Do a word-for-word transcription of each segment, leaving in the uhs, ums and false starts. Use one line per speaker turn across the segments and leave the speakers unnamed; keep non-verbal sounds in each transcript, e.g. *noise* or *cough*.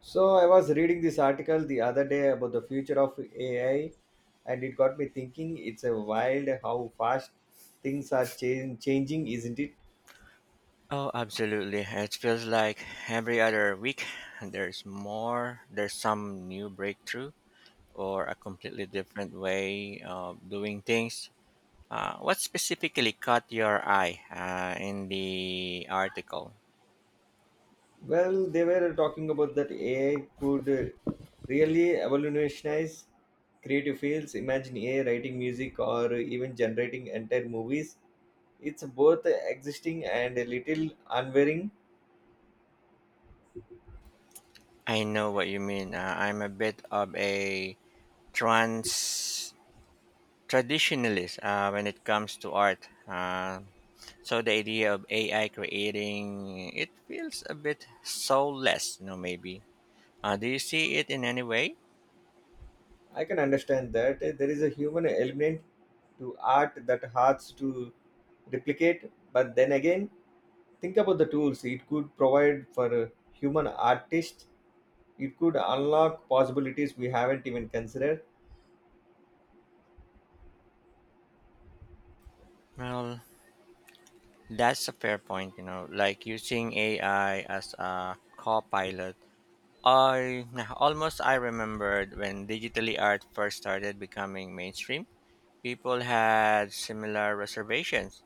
So I was reading this article the other day about the future of A I, and it got me thinking. It's a wild how fast things are change, changing, isn't it?
Oh, absolutely. It feels like every other week there's more, there's some new breakthrough or a completely different way of doing things. Uh, what specifically caught your eye uh, in the article?
Well, they were talking about that A I could uh, really revolutionize creative fields. Imagine A I writing music or even generating entire movies. It's both existing and a little unwearing.
I know what you mean. Uh, I'm a bit of a trans traditionalist uh, when it comes to art. Uh, so the idea of A I creating it feels a bit soulless, you know, maybe. Uh, do you see it in any way?
I can understand that eh, there is a human element to art that hard to replicate, but then again, think about the tools it could provide for a human artist. It could unlock possibilities we haven't even considered.
Well, that's a fair point, you know, like using A I as a co-pilot. I nah, almost I remembered when digitally art first started becoming mainstream, people had similar reservations.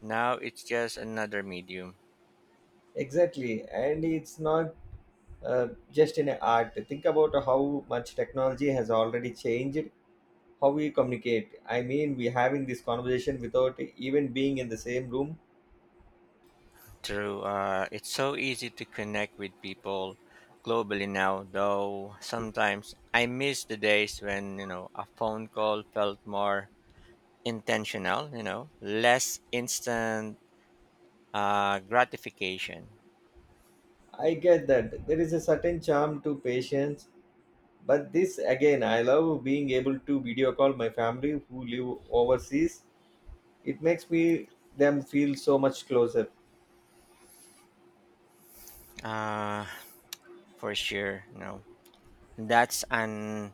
Now it's just another medium.
Exactly, and it's not uh, just in art. Think about how much technology has already changed how we communicate. I mean, we're having this conversation without even being in the same room.
True, uh, it's so easy to connect with people globally now, though sometimes I miss the days when, you know, a phone call felt more intentional, you know, less instant uh, gratification.
I get that there is a certain charm to patience. But this again, I love being able to video call my family who live overseas. It makes me them feel so much closer.
Uh, for sure, you know, that's an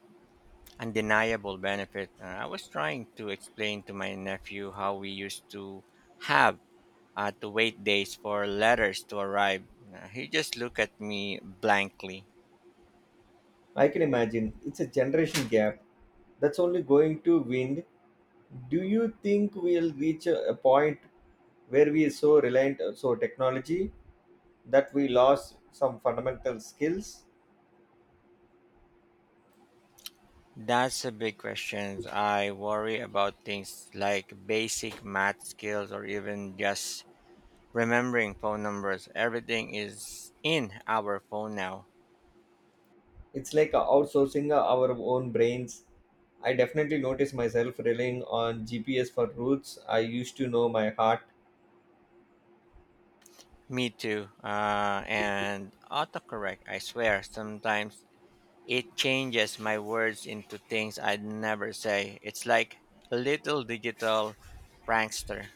undeniable benefit. Uh, I was trying to explain to my nephew how we used to have uh, to wait days for letters to arrive. Uh, he just looked at me blankly.
I can imagine it's a generation gap that's only going to wind. Do you think we'll reach a a point where we are so reliant on so technology that we lost some fundamental skills?
That's a big question. I worry about things like basic math skills or even just remembering phone numbers. Everything is in our phone now.
It's like outsourcing our own brains. I definitely notice myself relying on G P S for routes I used to know my heart.
Me too. Uh, and autocorrect, I swear, sometimes it changes my words into things I'd never say. It's like a little digital prankster.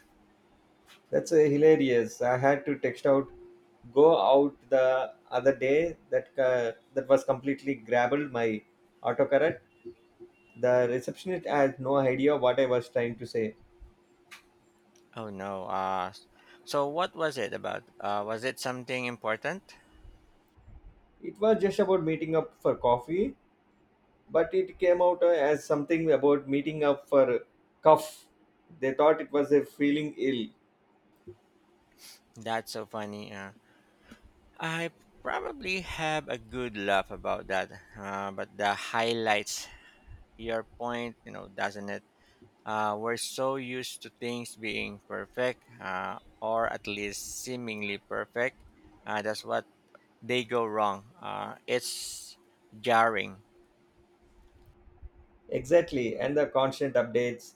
That's uh, hilarious. I had to text out go out the other day that uh, that was completely grabbed my autocorrect. The receptionist had no idea what I was trying to say.
Oh no. Uh, so what was it about? Uh, was it something important?
It was just about meeting up for coffee, but it came out uh, as something about meeting up for cough. They thought it was a feeling ill.
That's so funny. Uh, I probably have a good laugh about that. Uh, but the highlights your point, you know, doesn't it? Uh, we're so used to things being perfect, uh, or at least seemingly perfect. Uh, that's what they go wrong. Uh, it's jarring.
Exactly, and the constant updates.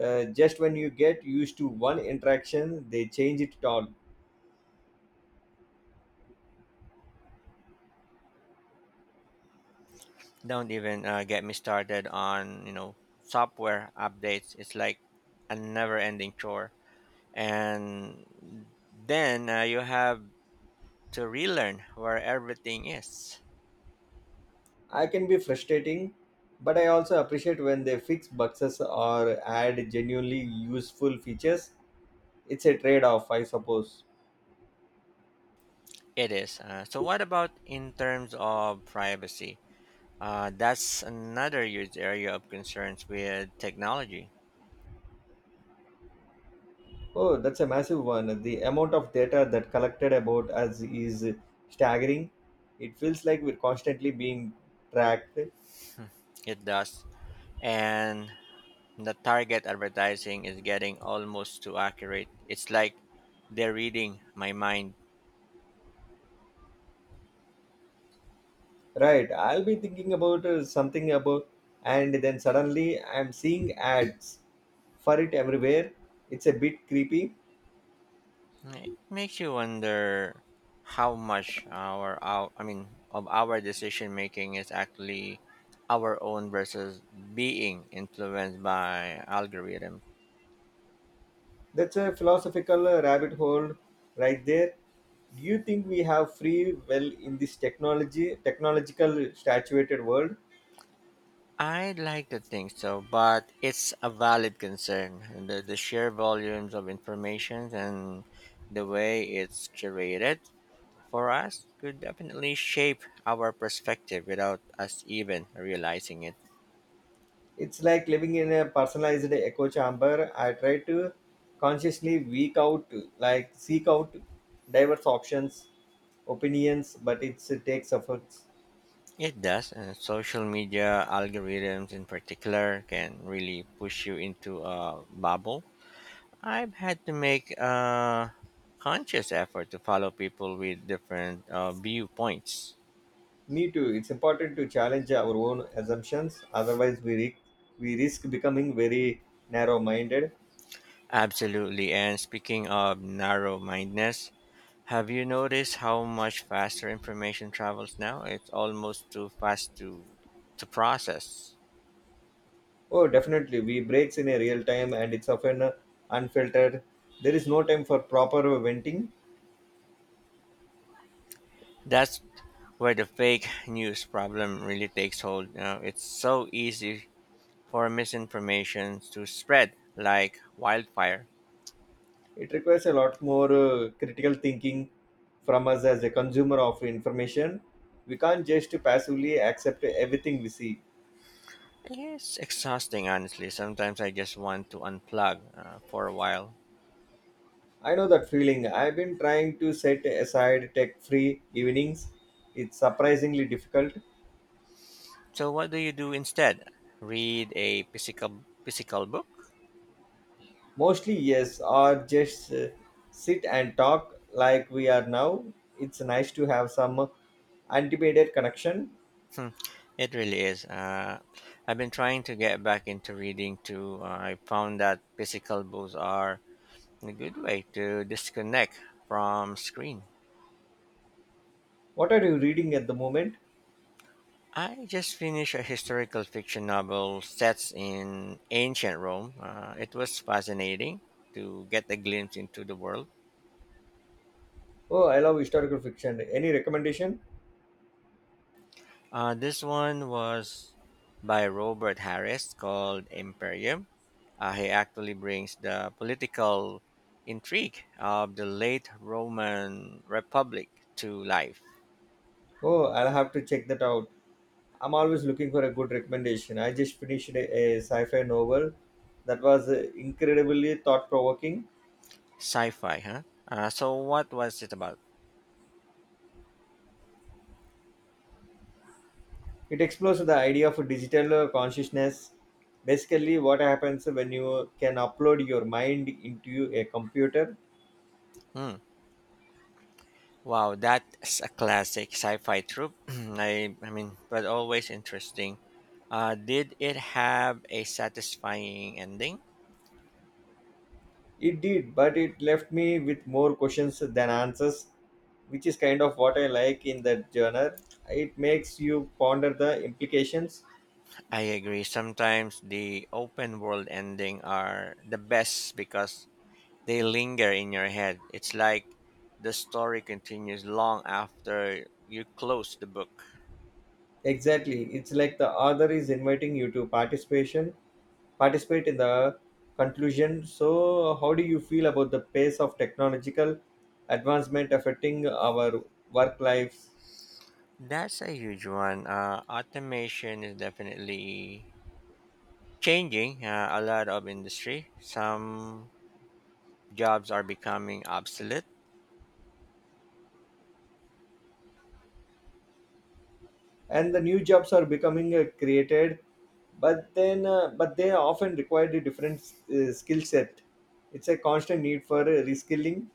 Uh, just when you get used to one interaction, they change it all.
Don't even uh, get me started on, you know, software updates. It's like a never-ending chore. And then uh, you have to relearn where everything is.
I can be frustrating, but I also appreciate when they fix bugs or add genuinely useful features. It's a trade off, I suppose.
It is. Uh, so, what about in terms of privacy? Uh, that's another huge area of concerns with technology.
Oh, that's a massive one. The amount of data that collected about us is staggering. It feels like we're constantly being tracked.
It does. And the target advertising is getting almost too accurate. It's like they're reading my mind.
Right, I'll be thinking about uh, something about, and then suddenly I'm seeing ads for it everywhere. It's a bit creepy.
It makes you wonder how much our, our I mean of our decision making is actually our own versus being influenced by algorithms.
That's a philosophical rabbit hole right there. Do you think we have free will in this technology technological saturated world?
I'd like to think so, but it's a valid concern. The, the sheer volumes of information and the way it's curated for us could definitely shape our perspective without us even realizing it.
It's like living in a personalized echo chamber. I try to consciously week out like seek out diverse options, opinions, but it's, it takes efforts.
It does, and social media algorithms in particular can really push you into a bubble. I've had to make a conscious effort to follow people with different uh, viewpoints.
Me too. It's important to challenge our own assumptions. Otherwise, we, risk we risk becoming very narrow-minded.
Absolutely. And speaking of narrow mindedness, have you noticed how much faster information travels now? It's almost too fast to, to process.
Oh, definitely. We breaks in a real time and it's often uh, unfiltered. There is no time for proper uh, venting.
That's where the fake news problem really takes hold. You know, it's so easy for misinformation to spread like wildfire.
It requires a lot more uh, critical thinking from us as a consumer of information. We can't just passively accept everything we see.
It's exhausting, honestly. Sometimes I just want to unplug uh, for a while.
I know that feeling. I've been trying to set aside tech free evenings. It's surprisingly difficult.
So, what do you do instead? Read a physical physical book?
Mostly, yes, or just uh, sit and talk like we are now. It's nice to have some uh, unlimited connection.
Hmm, it really is. Uh, I've been trying to get back into reading too. Uh, I found that physical books are a good way to disconnect from screen.
What are you reading at the moment?
I just finished a historical fiction novel set in ancient Rome. Uh, it was fascinating to get a glimpse into the world.
Oh, I love historical fiction. Any recommendation?
Uh, this one was by Robert Harris called Imperium. Uh, he actually brings the political intrigue of the late Roman Republic to life.
Oh, I'll have to check that out. I'm always looking for a good recommendation. I just finished a, a sci-fi novel that was uh, incredibly thought-provoking.
Sci-fi, huh? Uh, so what was it about?
It explores the idea of digital uh, consciousness. Basically, what happens when you can upload your mind into a computer.
Hmm. Wow, that's a classic sci-fi trope. *clears throat* I, I mean, but always interesting. Uh, did it have a satisfying ending?
It did, but it left me with more questions than answers, which is kind of what I like in that genre. It makes you ponder the implications.
I agree. Sometimes the open world ending are the best because they linger in your head. It's like the story continues long after you close the book.
Exactly. It's like the author is inviting you to participation, participate in the conclusion. So, how do you feel about the pace of technological advancement affecting our work lives?
That's a huge one. Uh, automation is definitely changing uh, a lot of industry. Some jobs are becoming obsolete.
And the new jobs are becoming uh, created, but then uh, but they often require a different uh, skill set. It's a constant need for uh, reskilling.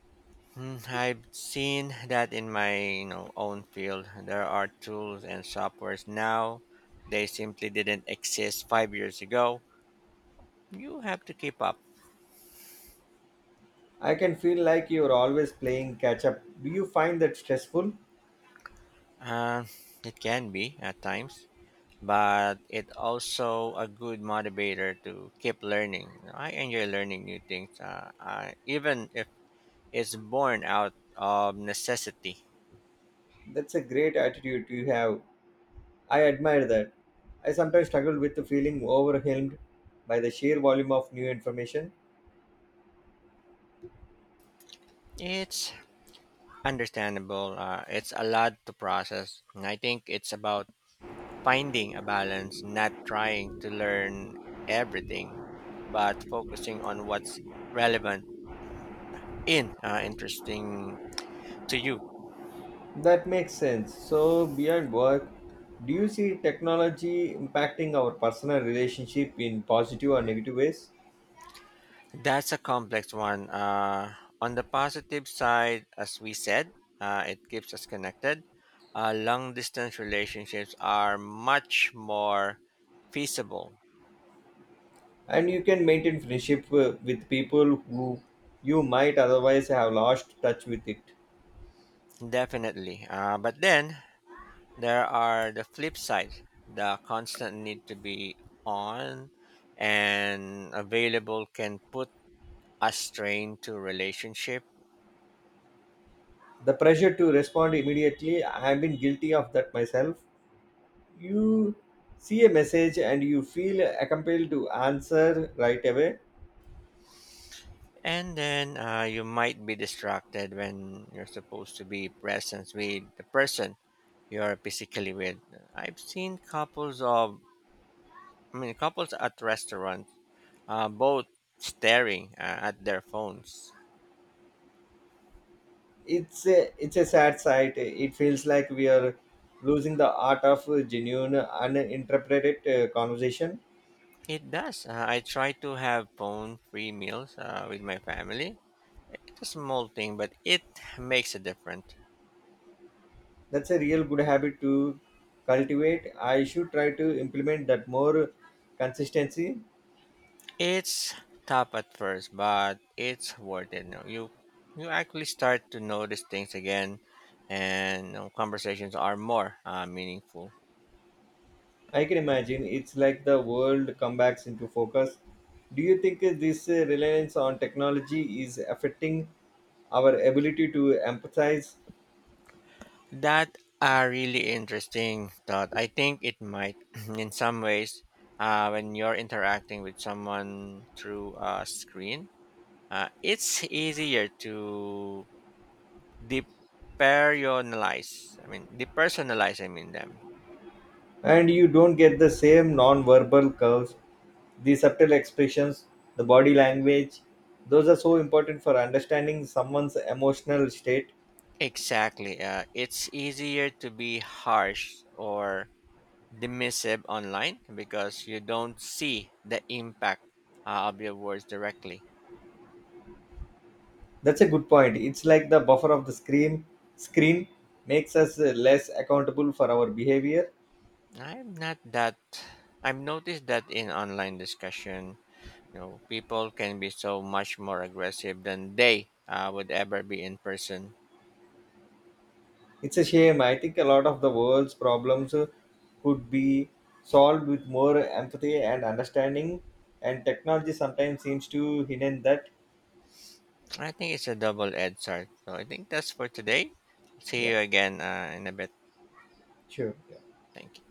Mm, I've seen that in my, you know, own field. There are tools and softwares now. They simply didn't exist five years ago. You have to keep up.
I can feel like you're always playing catch up. Do you find that stressful?
Uh, it can be at times, but it also a good motivator to keep learning. I enjoy learning new things, uh, I, even if it's born out of necessity.
That's a great attitude you have. I admire that. I sometimes struggle with the feeling overwhelmed by the sheer volume of new information.
It's understandable. Uh, it's a lot to process, and I think it's about finding a balance, not trying to learn everything, but focusing on what's relevant in uh, interesting to you.
That makes sense. So beyond work, do you see technology impacting our personal relationship in positive or negative ways?
That's a complex one. Uh, on the positive side, as we said, uh, it keeps us connected. Uh, long distance relationships are much more feasible,
And you can maintain friendship uh, with people who you might otherwise have lost touch with it.
definitely. Uh, but then there are the flip side, the constant need to be on and available can put a strain to relationship,
The pressure to respond immediately, I have been guilty of that myself. You see a message and you feel compelled to answer right away.
and then uh, you might be distracted when you're supposed to be present with the person you're basically with. uh, I've seen couples of, I mean, couples at restaurants, uh, both staring uh, at their phones.
It's a, it's a sad sight. It feels like we are losing the art of genuine uninterpreted uh, conversation.
It does. Uh, I try to have phone-free meals uh, with my family. It's a small thing, but it makes a difference.
That's a real good habit to cultivate. I should try to implement that more consistency.
It's tough at first, but it's worth it. You you you actually start to notice things again, and, you know, conversations are more uh, meaningful.
I can imagine it's like the world comebacks into focus. Do you think this uh, reliance on technology is affecting our ability to empathize?
That a really interesting thought. I think it might, *clears throat* in some ways, uh, when you're interacting with someone through a screen, uh, it's easier to depersonalize. I mean, depersonalize. I mean them
And you don't get the same non-verbal curves, the subtle expressions, the body language. Those are so important for understanding someone's emotional state.
exactly. Uh, it's easier to be harsh or dismissive online because you don't see the impact uh, of your words directly.
That's a good point. It's like the buffer of the screen. Screen makes us uh, less accountable for our behavior.
I'm not that. I've noticed that in online discussion, you know, people can be so much more aggressive than they uh, would ever be in person.
It's a shame. I think a lot of the world's problems uh, could be solved with more empathy and understanding, and technology sometimes seems to hidden that.
I think it's a double-edged sword. So I think that's for today. See
Yeah,
you again uh, in a bit.
sure.
Thank you.